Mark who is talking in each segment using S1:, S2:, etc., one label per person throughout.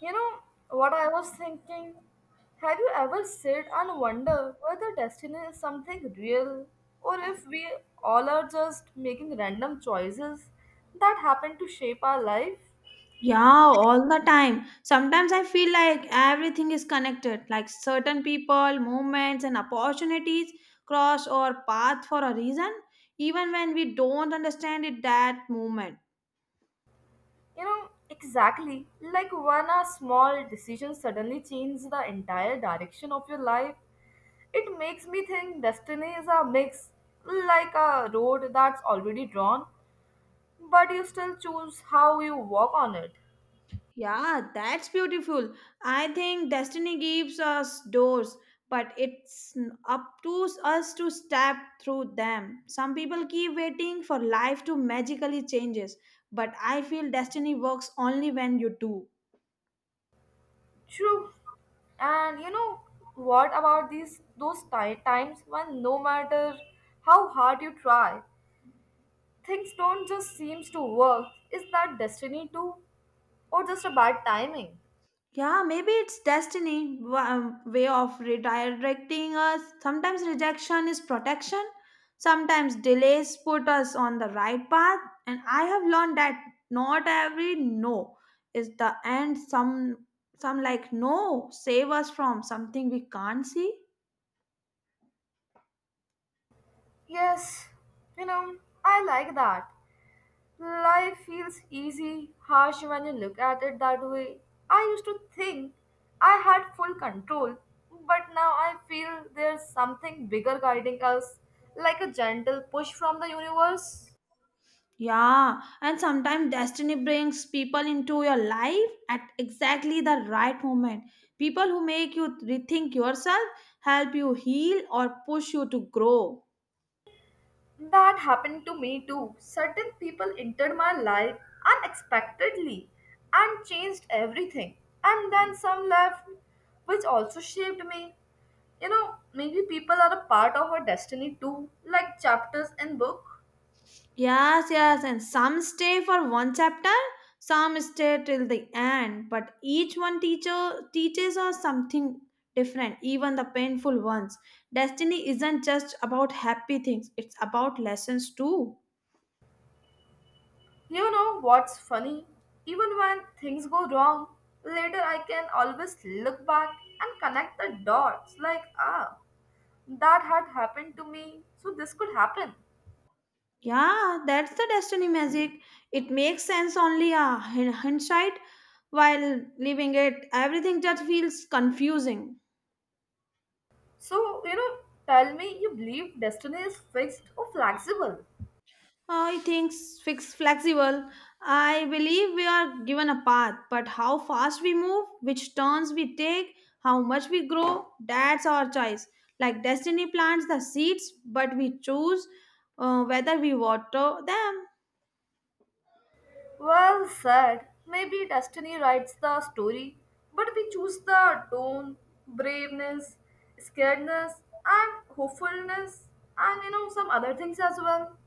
S1: You know what I was thinking? Have you ever sit and wonder whether destiny is something real or if we all are just making random choices that happen to shape our life?
S2: Yeah, all the time. Sometimes I feel like everything is connected, like certain people, movements, and opportunities cross our path for a reason, even when we don't understand it that moment.
S1: Exactly like when a small decision suddenly changes the entire direction of your life. It makes me think destiny is a mix, like a road that's already drawn, but you still choose how you walk on it.
S2: Yeah, that's beautiful. I think destiny gives us doors, but it's up to us to step through them. Some people keep waiting for life to magically changes, but I feel destiny works only when you do.
S1: True. And what about these those ti- times when no matter how hard you try, things don't just seems to work. Is that destiny too or just a bad timing?
S2: Yeah, maybe it's destiny, way of redirecting us. Sometimes rejection is protection. Sometimes delays put us on the right path. And I have learned that not every no is the end. Some like no save us from something we can't see.
S1: Yes, you know, I like that. Life feels easy, harsh when you look at it that way. I used to think I had full control, but now I feel there's something bigger guiding us, like a gentle push from the universe.
S2: Yeah, and sometimes destiny brings people into your life at exactly the right moment. People who make you rethink yourself, help you heal, or push you to grow.
S1: That happened to me too. Certain people entered my life unexpectedly and changed everything. And then some left, which also shaped me. Maybe people are a part of our destiny too, like chapters in book.
S2: Yes, yes, and some stay for one chapter, some stay till the end, but each one teacher teaches us something different, even the painful ones. Destiny isn't just about happy things, it's about lessons too.
S1: You know what's funny? Even when things go wrong, later I can always look back and connect the dots like, ah, that had happened to me, so this could happen.
S2: Yeah, that's the destiny magic. It makes sense only a hindsight while leaving it. Everything just feels confusing.
S1: So, tell me you believe destiny is fixed or flexible.
S2: I think fix flexible. I believe we are given a path, but how fast we move, which turns we take, how much we grow, that's our choice. Like destiny plants the seeds, but we choose whether we water them.
S1: Well said. Maybe destiny writes the story, but we choose the tone, braveness, scaredness, and hopefulness, and some other things as well.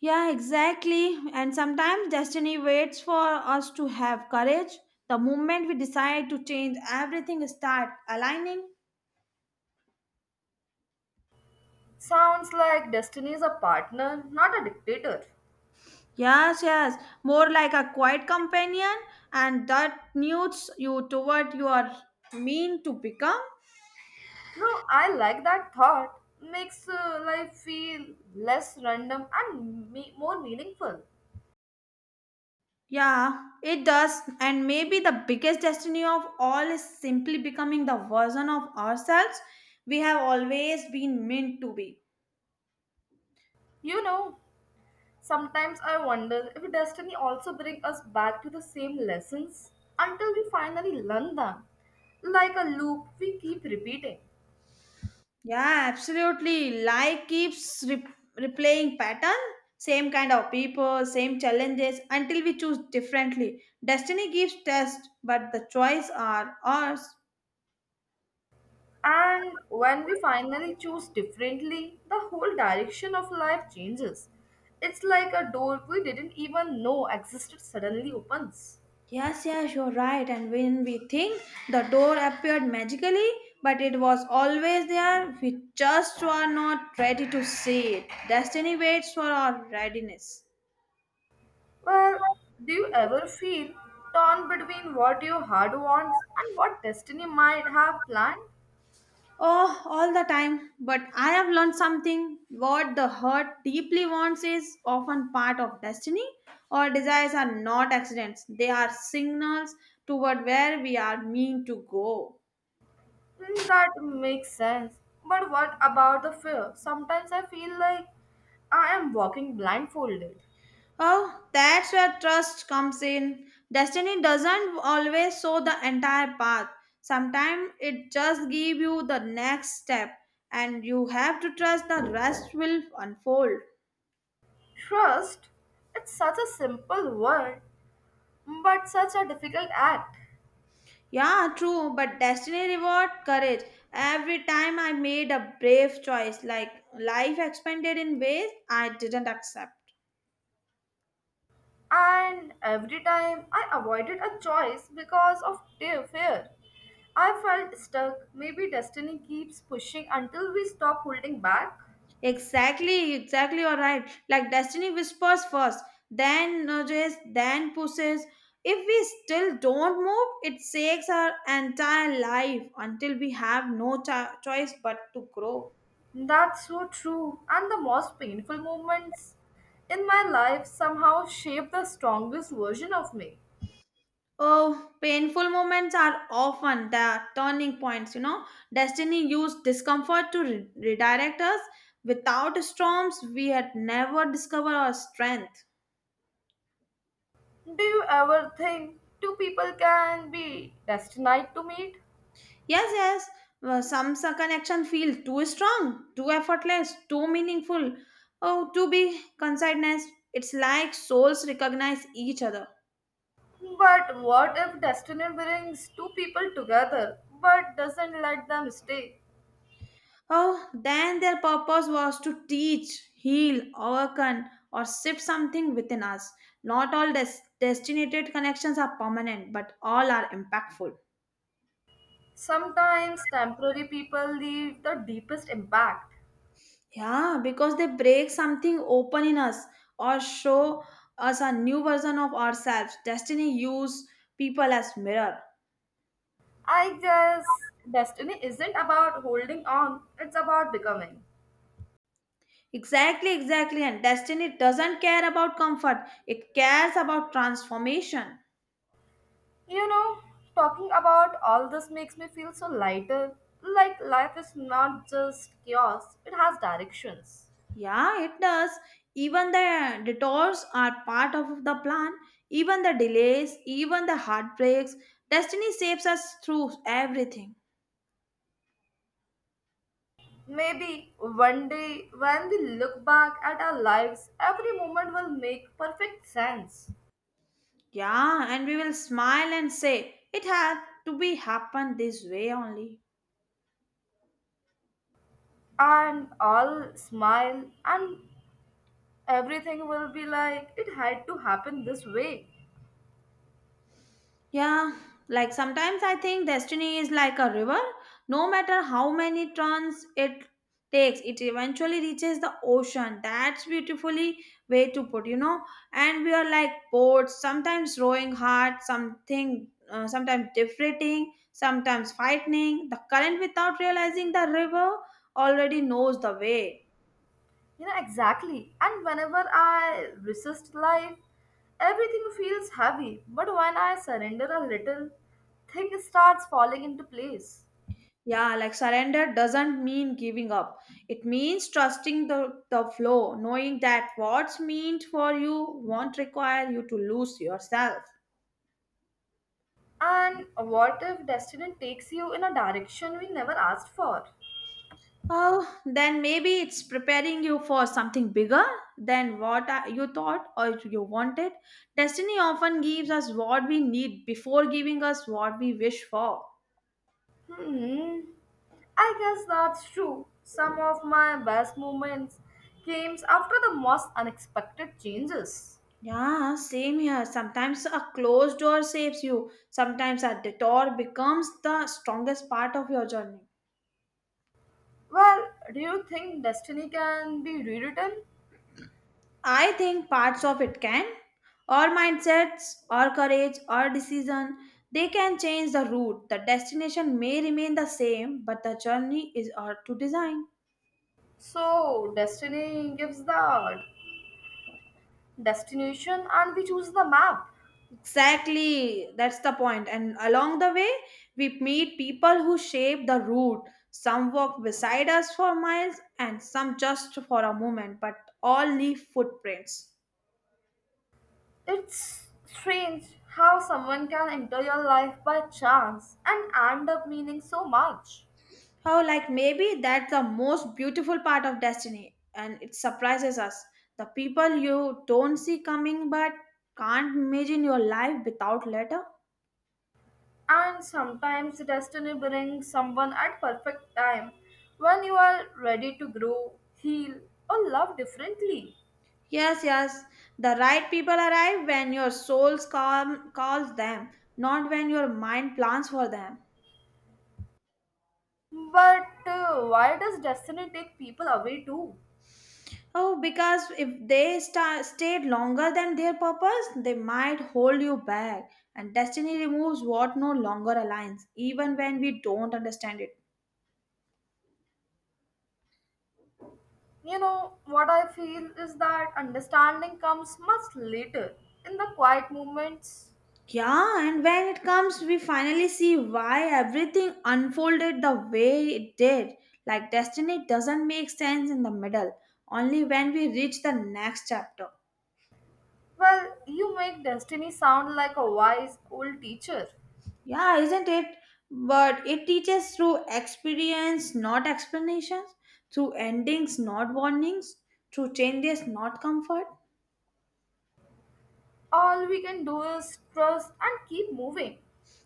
S2: Yeah, exactly. And sometimes destiny waits for us to have courage. The moment we decide to change, everything start aligning.
S1: Sounds like destiny is a partner, not a dictator.
S2: Yes, yes. More like a quiet companion and that nudges you toward your mean to become.
S1: No, I like that thought. Makes life feel less random and more meaningful.
S2: Yeah, it does. And maybe the biggest destiny of all is simply becoming the version of ourselves we have always been meant to be.
S1: You know, Sometimes I wonder if destiny also brings us back to the same lessons until we finally learn them. Like a loop, we keep repeating.
S2: Yeah, absolutely. Life keeps replaying pattern, same kind of people, same challenges until we choose differently. Destiny gives test, but the choice are ours.
S1: And when we finally choose differently, the whole direction of life changes. It's like a door we didn't even know existed suddenly opens.
S2: Yes, yes, you're right. And when we think the door appeared magically, but it was always there, we just were not ready to see it. Destiny waits for our readiness.
S1: Well, do you ever feel torn between what your heart wants and what destiny might have planned?
S2: Oh, all the time. But I have learned something. What the heart deeply wants is often part of destiny. Our desires are not accidents. They are signals toward where we are meant to go.
S1: Mm, that makes sense. But what about the fear? Sometimes I feel like I am walking blindfolded.
S2: Oh, that's where trust comes in. Destiny doesn't always show the entire path. Sometimes it just gives you the next step, and you have to trust the rest will unfold.
S1: Trust, it's such a simple word, but such a difficult act.
S2: Yeah, true, but destiny reward courage. Every time I made a brave choice, like life expanded in ways I didn't accept.
S1: And every time I avoided a choice because of fear, I felt stuck. Maybe destiny keeps pushing until we stop holding back.
S2: Exactly, exactly, you're right. Like destiny whispers first, then nudges, then pushes. If we still don't move, it shakes our entire life until we have no choice but to grow.
S1: That's so true. And the most painful moments in my life somehow shape the strongest version of me.
S2: Oh, painful moments are often the turning points, you know. Destiny used discomfort to redirect us. Without storms, we had never discovered our strength.
S1: Do you ever think two people can be destined to meet?
S2: Yes, yes, well, some connection feel too strong, too effortless, too meaningful. Oh, to be conciseness, it's like souls recognize each other.
S1: But what if destiny brings two people together but doesn't let them stay?
S2: Oh, then their purpose was to teach, heal, awaken, or shift something within us. Not all destinated connections are permanent, but all are impactful.
S1: Sometimes temporary people leave the deepest impact.
S2: Yeah, because they break something open in us or show us a new version of ourselves. Destiny use people as mirror.
S1: I guess destiny isn't about holding on, it's about becoming.
S2: Exactly, exactly. And destiny doesn't care about comfort, it cares about transformation.
S1: You know, Talking about all this makes me feel so lighter. Like life is not just chaos, it has directions.
S2: Yeah, it does. Even the detours are part of the plan, even the delays, even the heartbreaks. Destiny saves us through everything.
S1: Maybe one day when we look back at our lives, every moment will make perfect sense.
S2: Yeah, and we will smile and say, it had to be happened this way only.
S1: And all smile and everything will be like it had to happen this way.
S2: Yeah, like sometimes I think destiny is like a river. No matter how many turns it takes, it eventually reaches the ocean. That's beautifully way to put, you know. And we are like boats, sometimes rowing hard, sometimes drifting, sometimes fighting the current without realizing the river already knows the way.
S1: Exactly. And whenever I resist life, everything feels heavy. But when I surrender a little, things starts falling into place.
S2: Yeah, like surrender doesn't mean giving up. It means trusting the flow, knowing that what's meant for you won't require you to lose yourself.
S1: And what if destiny takes you in a direction we never asked for?
S2: Oh, then maybe it's preparing you for something bigger than what you thought or you wanted. Destiny often gives us what we need before giving us what we wish for.
S1: Hmm. I guess that's true. Some of my best moments came after the most unexpected changes.
S2: Yeah, same here. Sometimes a closed door saves you, sometimes a detour becomes the strongest part of your journey.
S1: Well, do you think destiny can be rewritten?
S2: I think parts of it can. Our mindsets, our courage, our decision, they can change the route. The destination may remain the same, but the journey is our to design.
S1: So, destiny gives the destination and we choose the map.
S2: Exactly, that's the point. And along the way, we meet people who shape the route. Some walk beside us for miles and some just for a moment, but all leave footprints.
S1: It's strange how someone can enter your life by chance and end up meaning so much.
S2: How, like, maybe that's the most beautiful part of destiny, and it surprises us. The people you don't see coming but can't imagine your life without letter.
S1: And sometimes destiny brings someone at perfect time when you are ready to grow, heal, or love differently.
S2: Yes, yes, the right people arrive when your calls them, not when your mind plans for them.
S1: But why does destiny take people away too?
S2: Oh, because if they stayed longer than their purpose, they might hold you back. And destiny removes what no longer aligns, even when we don't understand it.
S1: What I feel is that understanding comes much later in the quiet moments.
S2: Yeah, and when it comes, we finally see why everything unfolded the way it did. Like, destiny doesn't make sense in the middle, only when we reach the next chapter.
S1: Well, you make destiny sound like a wise old teacher.
S2: Yeah, isn't it? But it teaches through experience, not explanations, through endings, not warnings, through changes, not comfort.
S1: All we can do is trust and keep moving.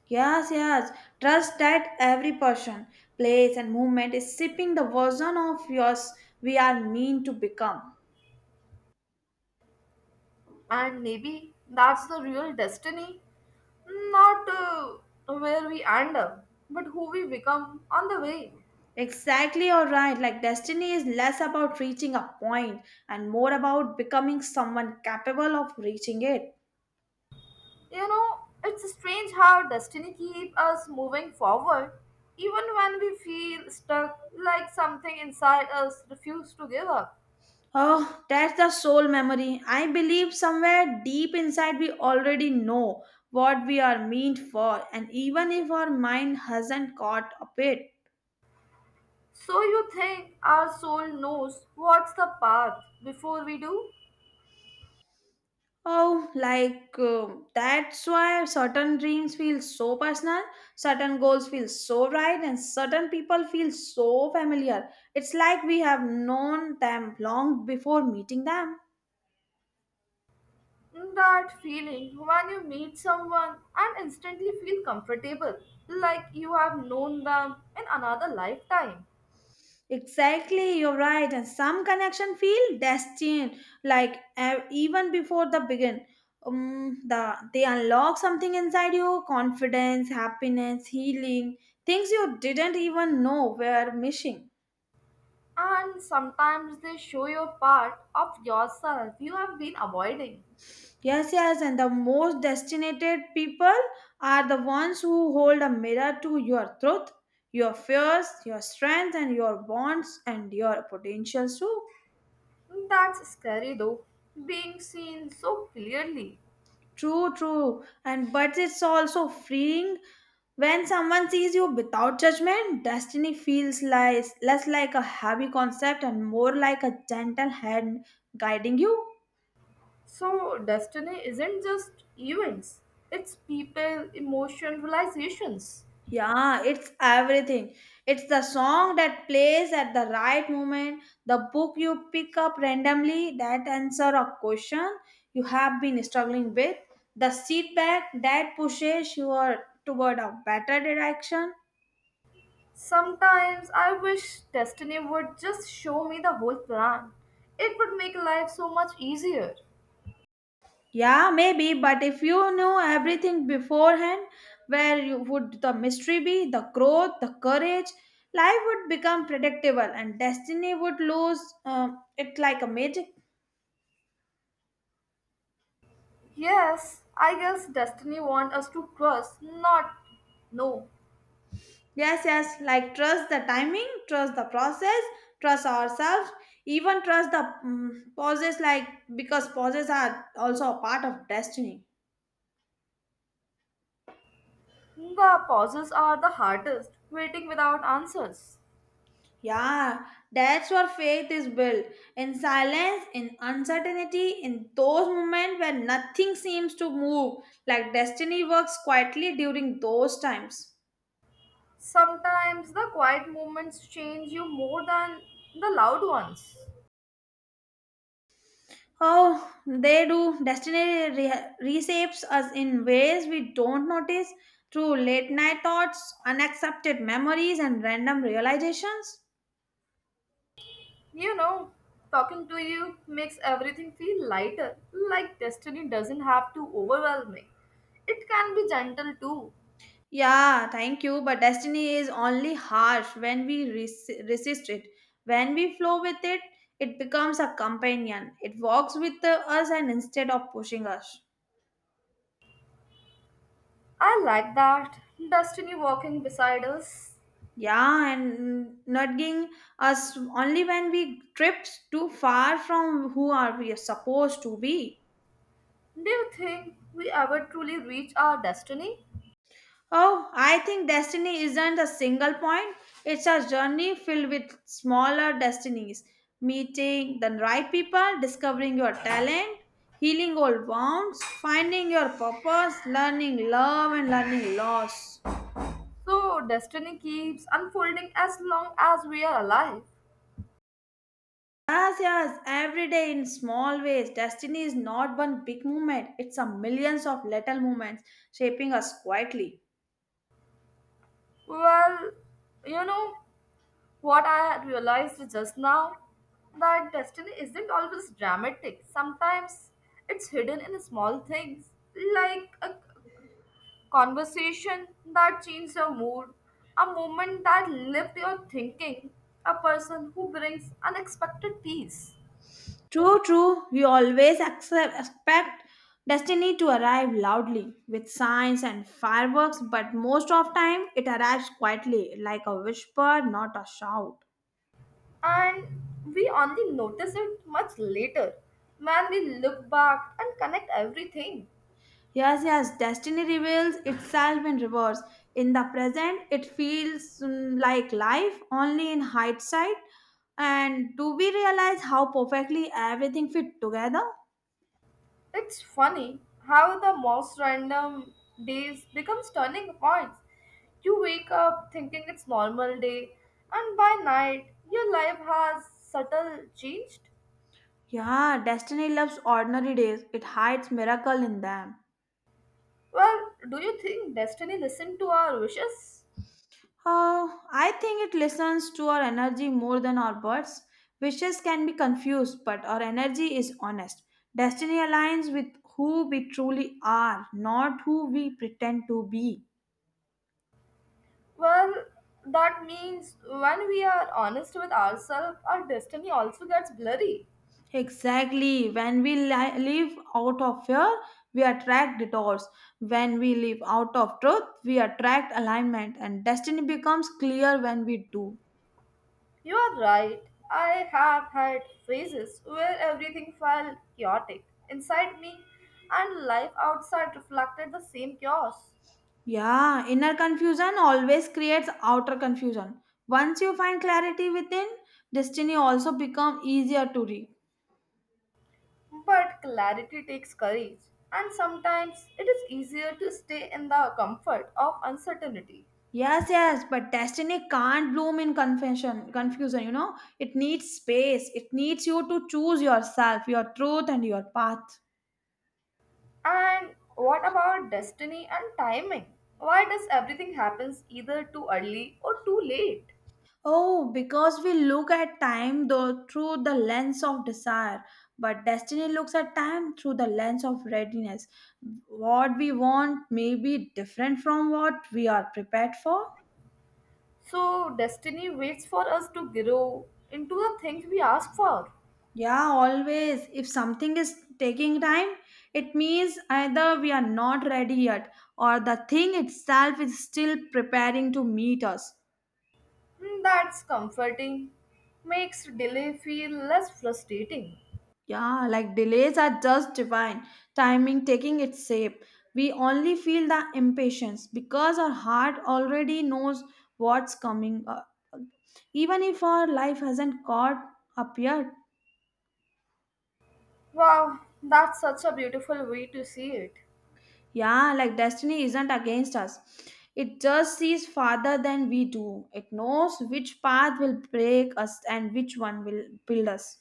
S2: Yes, yes. Trust that every person, place, and movement is shaping the version of yours we are meant to become.
S1: And maybe that's the real destiny. Not where we end up, but who we become on the way.
S2: Exactly, you're right. Like, destiny is less about reaching a point and more about becoming someone capable of reaching it.
S1: It's strange how destiny keeps us moving forward, even when we feel stuck like something inside us refuses to give up.
S2: Oh, that's the soul memory. I believe somewhere deep inside we already know what we are meant for, and even if our mind hasn't caught up it,
S1: So you think our soul knows what's the path before we do?
S2: oh, like that's why certain dreams feel so personal, certain goals feel so right, and certain people feel so familiar. It's like we have known them long before meeting them.
S1: That feeling when you meet someone and instantly feel comfortable, like you have known them in another lifetime.
S2: Exactly, you're right. And some connection feel destined, like even before the begin. The they unlock something inside you: confidence, happiness, healing, things you didn't even know were missing.
S1: And sometimes they show you a part of yourself you have been avoiding.
S2: Yes, yes, and the most destinated people are the ones who hold a mirror to your truth, your fears, your strengths, and your wants and your potentials too.
S1: That's scary though, being seen so clearly.
S2: True, true. And but it's also freeing when someone sees you without judgment. Destiny feels like less like a heavy concept and more like a gentle hand guiding you.
S1: So, destiny isn't just events, it's people, emotion, realizations.
S2: Yeah, it's everything. It's the song that plays at the right moment, the book you pick up randomly that answer a question you have been struggling with, the feedback that pushes you toward a better direction.
S1: Sometimes I wish destiny would just show me the whole plan. It would make life so much easier.
S2: Yeah, maybe, but if you knew everything beforehand, where you would the mystery be, the growth, the courage, life would become predictable and destiny would lose it like a magic.
S1: Yes, I guess destiny wants us to trust, not no.
S2: Yes, yes, like trust the timing, trust the process, trust ourselves, even trust the pauses, like because pauses are also a part of destiny.
S1: The pauses are the hardest, waiting without answers.
S2: Yeah, that's where faith is built in silence, in uncertainty, in those moments where nothing seems to move, like destiny works quietly during those times.
S1: Sometimes the quiet moments change you more than the loud ones.
S2: Oh, they do. Destiny reshapes us in ways we don't notice through late night thoughts, unaccepted memories, and random realizations.
S1: You know, Talking to you makes everything feel lighter, like destiny doesn't have to overwhelm me. It can be gentle too.
S2: Yeah, thank you. But destiny is only harsh when we resist it. When we flow with it, it becomes a companion. It walks with us and instead of pushing us.
S1: I like that. Destiny walking beside us.
S2: Yeah, and nudging us only when we trips too far from who are we supposed to be.
S1: Do you think we ever truly reach our destiny?
S2: Oh, I think destiny isn't a single point. It's a journey filled with smaller destinies. Meeting the right people, discovering your talent, healing old wounds, finding your purpose, learning love, and learning loss.
S1: So, destiny keeps unfolding as long as we are alive.
S2: Yes, yes, every day in small ways. Destiny is not one big movement, it's a millions of little movements shaping us quietly.
S1: Well, you know what I realized just now? That destiny isn't always dramatic. Sometimes it's hidden in small things, like a conversation that changes your mood, a moment that lifts your thinking, a person who brings unexpected peace.
S2: True, true. We always expect destiny to arrive loudly with signs and fireworks, but most of time it arrives quietly, like a whisper, not a shout.
S1: And we only notice it much later when we look back and connect everything.
S2: Yes, yes, destiny reveals itself in reverse. In the present, it feels like life only in hindsight. And do we realize how perfectly everything fit together?
S1: It's funny how the most random days becomes turning points. You wake up thinking it's normal day and by night your life has subtle changed.
S2: Yeah, destiny loves ordinary days. It hides miracle in them.
S1: Well, do you think destiny listened to our wishes?
S2: I think it listens to our energy more than our words. Wishes can be confused, but our energy is honest. Destiny aligns with who we truly are, not who we pretend to be.
S1: Well, that means when we are honest with ourselves, our destiny also gets blurry.
S2: Exactly. When we live out of fear, we attract detours. When we live out of truth, we attract alignment, and destiny becomes clear when we do.
S1: You are right. I have had phases where everything felt chaotic inside me and life outside reflected the same chaos.
S2: Yeah, inner confusion always creates outer confusion. Once you find clarity within, destiny also become easier to read.
S1: But clarity takes courage, and sometimes it is easier to stay in the comfort of uncertainty.
S2: Yes, yes, but destiny can't bloom in confusion. It needs space. It needs you to choose yourself, your truth and your path.
S1: And what about destiny and timing? Why does everything happens either too early or too late?
S2: Oh, because we look at time though through the lens of desire, but destiny looks at time through the lens of readiness. What we want may be different from what we are prepared for.
S1: So destiny waits for us to grow into the things we ask for.
S2: Yeah, always. If something is taking time, it means either we are not ready yet or the thing itself is still preparing to meet us.
S1: Hmm, that's comforting. Makes delay feel less frustrating.
S2: Yeah, like delays are just divine, timing taking its shape. We only feel the impatience because our heart already knows what's coming up, even if our life hasn't caught up yet.
S1: Wow, that's such a beautiful way to see it.
S2: Yeah, like destiny isn't against us. It just sees farther than we do. It knows which path will break us and which one will build us.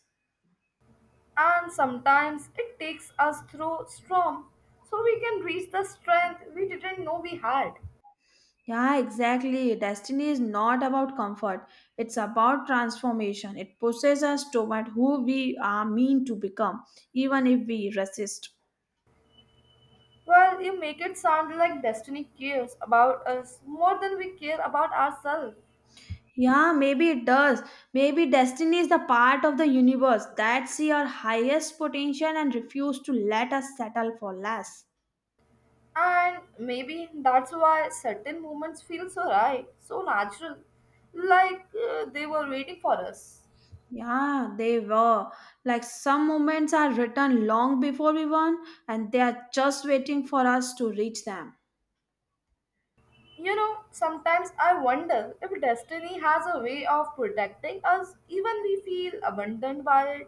S1: And sometimes it takes us through storm so we can reach the strength we didn't know we had.
S2: Yeah, exactly. Destiny is not about comfort, it's about transformation. It pushes us toward who we are meant to become, even if we resist.
S1: Well, you make it sound like destiny cares about us more than we care about ourselves.
S2: Yeah, maybe it does. Maybe destiny is the part of the universe that see our highest potential and refuse to let us settle for less.
S1: And maybe that's why certain moments feel so right, so natural, like they were waiting for us.
S2: Yeah, they were. Like some moments are written long before we won, and they are just waiting for us to reach them.
S1: Sometimes I wonder if destiny has a way of protecting us, even we feel abandoned by it.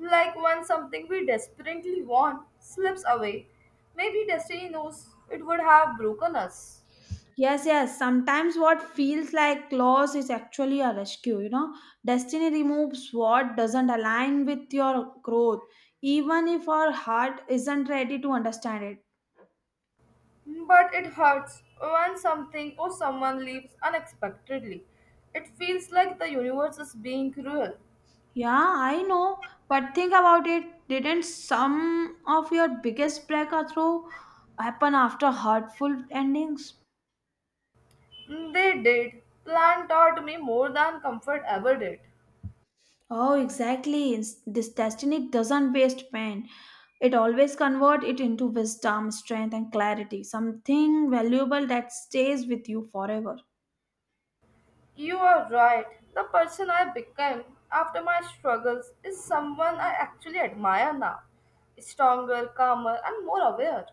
S1: Like when something we desperately want slips away, maybe destiny knows it would have broken us.
S2: Yes, yes. Sometimes what feels like loss is actually a rescue. Destiny removes what doesn't align with your growth, even if our heart isn't ready to understand it.
S1: But it hurts when something or someone leaves unexpectedly. It feels like the universe is being cruel.
S2: Yeah, I know, but think about it. Didn't some of your biggest breakthrough happen after hurtful endings?
S1: They did. Plan taught me more than comfort ever did.
S2: Oh, exactly. This destiny doesn't waste pain. It always converts it into wisdom, strength, and clarity. Something valuable that stays with you forever.
S1: You are right. The person I became after my struggles is someone I actually admire now. Stronger, calmer, and more aware.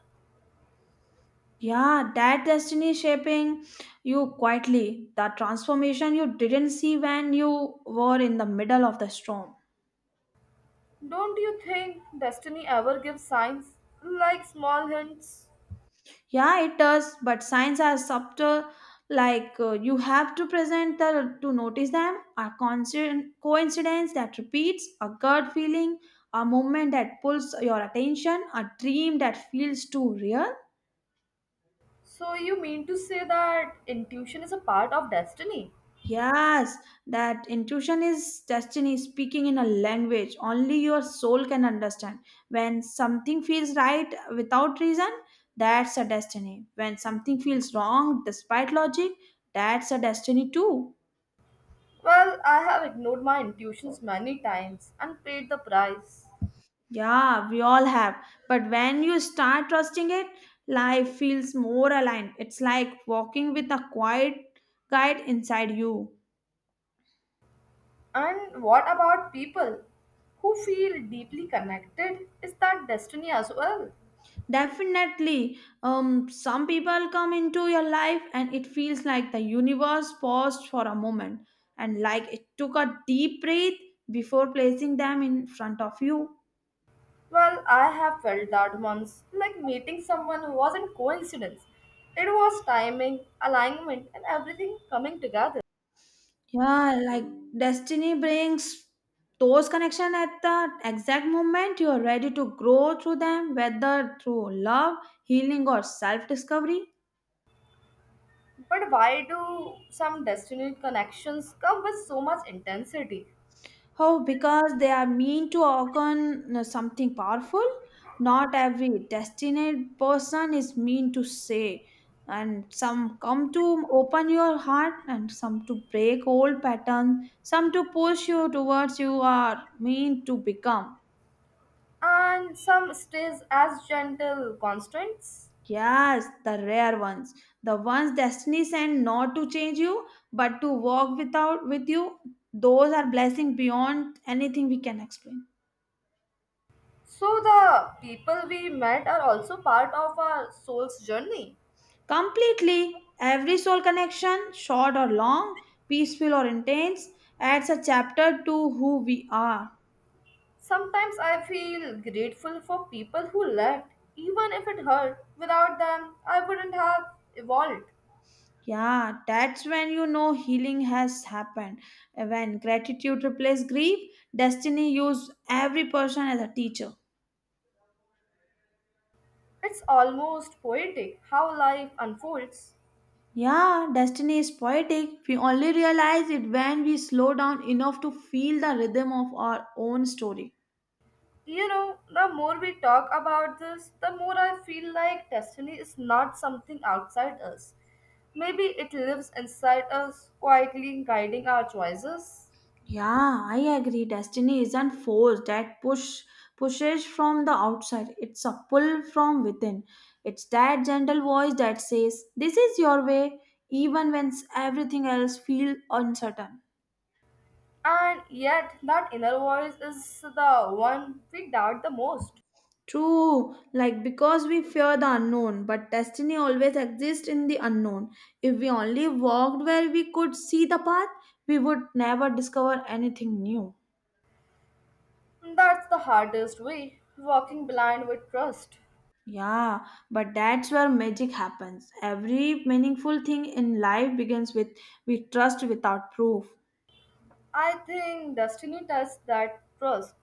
S2: Yeah, that destiny shaping you quietly. The transformation you didn't see when you were in the middle of the storm.
S1: Don't you think destiny ever gives signs? Like small hints?
S2: Yeah, it does, but signs are subtle. Like you have to present the to notice them. A coincidence that repeats, a gut feeling, a moment that pulls your attention, a dream that feels too real.
S1: So you mean to say that intuition is a part of destiny?
S2: Yes, that intuition is destiny speaking in a language only your soul can understand. When something feels right without reason, that's a destiny. When something feels wrong despite logic, that's a destiny too.
S1: Well, I have ignored my intuitions many times and paid the price.
S2: Yeah, we all have. But when you start trusting it, life feels more aligned. It's like walking with a quiet guide inside you.
S1: And what about people who feel deeply connected? Is that destiny as well?
S2: Definitely, some people come into your life and it feels like the universe paused for a moment and like it took a deep breath before placing them in front of you.
S1: Well, I have felt that once, like meeting someone wasn't coincidence. It was timing, alignment, and everything coming together.
S2: Yeah, like destiny brings those connection at the exact moment you are ready to grow through them, whether through love, healing, or self discovery.
S1: But why do some destiny connections come with so much intensity?
S2: How? Because they are mean to occur something powerful. Not every destined person is mean to say, and some come to open your heart, and some to break old patterns, some to push you towards you are mean to become.
S1: And some stays as gentle constants?
S2: Yes, the rare ones. The ones destiny sent not to change you, but to walk without with you. Those are blessing beyond anything we can explain.
S1: So the people we met are also part of our soul's journey.
S2: Completely, every soul connection, short or long, peaceful or intense, adds a chapter to who we are.
S1: Sometimes I feel grateful for people who left, even if it hurt. Without them, I wouldn't have evolved.
S2: Yeah, that's when you know healing has happened. When gratitude replaces grief, destiny uses every person as a teacher.
S1: It's almost poetic how life unfolds.
S2: Yeah, destiny is poetic. We only realize it when we slow down enough to feel the rhythm of our own story.
S1: The more we talk about this, the more I feel like destiny is not something outside us. Maybe it lives inside us, quietly guiding our choices.
S2: Yeah, I agree. Destiny isn't force that pushes from the outside. It's a pull from within. It's that gentle voice that says, "This is your way," even when everything else feels uncertain.
S1: And yet, that inner voice is the one we doubt the most.
S2: True, like because we fear the unknown, but destiny always exists in the unknown. If we only walked where we could see the path, we would never discover anything new.
S1: That's the hardest way, walking blind with trust.
S2: Yeah, but that's where magic happens. Every meaningful thing in life begins with we trust without proof.
S1: I think destiny tests that trust.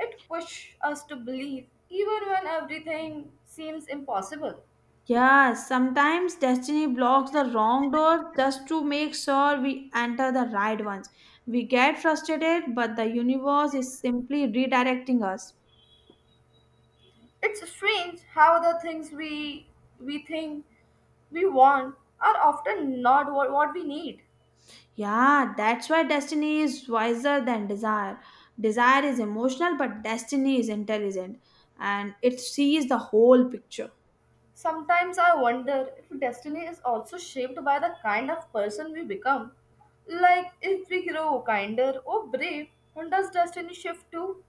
S1: It pushes us to believe even when everything seems impossible.
S2: Yeah, sometimes destiny blocks the wrong door just to make sure we enter the right ones. We get frustrated, but the universe is simply redirecting us.
S1: It's strange how the things we think we want are often not what we need.
S2: Yeah, that's why destiny is wiser than desire. Desire is emotional, but destiny is intelligent and it sees the whole picture.
S1: Sometimes I wonder if destiny is also shaped by the kind of person we become. Like if we grow kinder or brave, then does destiny shift too?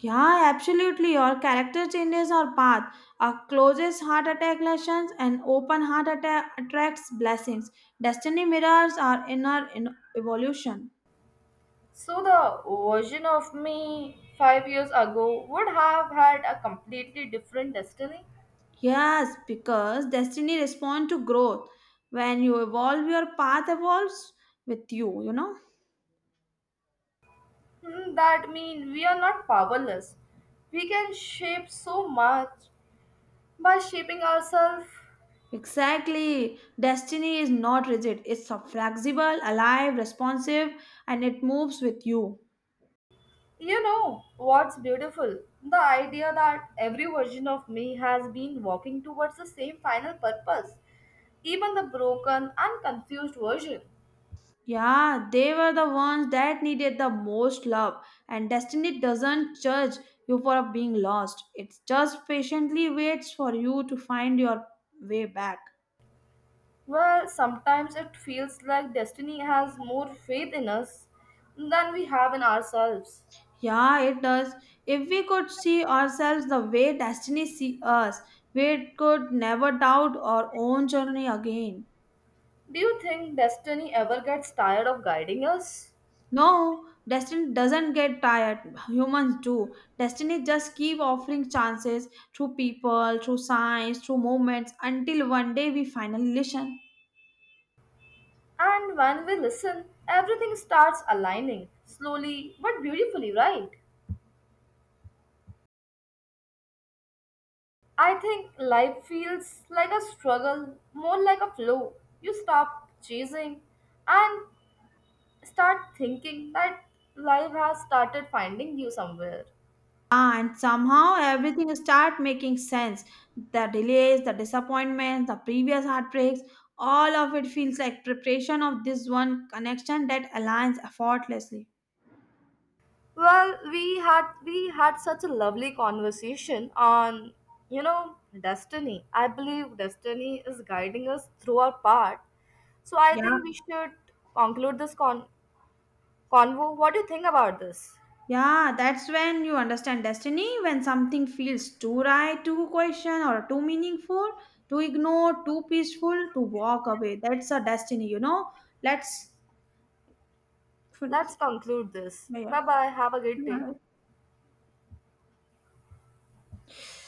S2: Yeah, absolutely. Your character changes your path. A closest heart attack lessons and open heart attack attracts blessings. Destiny mirrors our inner evolution.
S1: So the version of me 5 years ago would have had a completely different destiny.
S2: Yes, because destiny responds to growth. When you evolve, your path evolves with you, you know.
S1: Hmm, that means we are not powerless. We can shape so much by shaping ourselves.
S2: Exactly. Destiny is not rigid. It's a flexible, alive, responsive, and it moves with you.
S1: You know what's beautiful? The idea that every version of me has been walking towards the same final purpose, even the broken and confused version.
S2: Yeah, they were the ones that needed the most love. And destiny doesn't judge you for being lost. It just patiently waits for you to find your way back.
S1: Well, sometimes it feels like destiny has more faith in us than we have in ourselves.
S2: Yeah, it does. If we could see ourselves the way destiny see us, we could never doubt our own journey again.
S1: Do you think destiny ever gets tired of guiding us?
S2: No, destiny doesn't get tired. Humans do. Destiny just keep offering chances through people, through signs, through moments until one day we finally listen.
S1: And when we listen, everything starts aligning slowly but beautifully, right? I think life feels like a struggle, more like a flow. You stop chasing and start thinking that life has started finding you somewhere.
S2: And somehow everything start making sense. The delays, the disappointments, the previous heartbreaks, all of it feels like preparation of this one connection that aligns effortlessly.
S1: Well, we had such a lovely conversation on, destiny. I believe destiny is guiding us through our path. So I think
S2: Yeah.
S1: we should conclude this convo. What do you think about this?
S2: Yeah, that's when you understand destiny, when something feels too right, too question, or too meaningful, to ignore, too peaceful, to walk away. That's a destiny, you know. Let's.
S1: Let's conclude this.
S2: Yeah.
S1: Bye bye. Have a great day.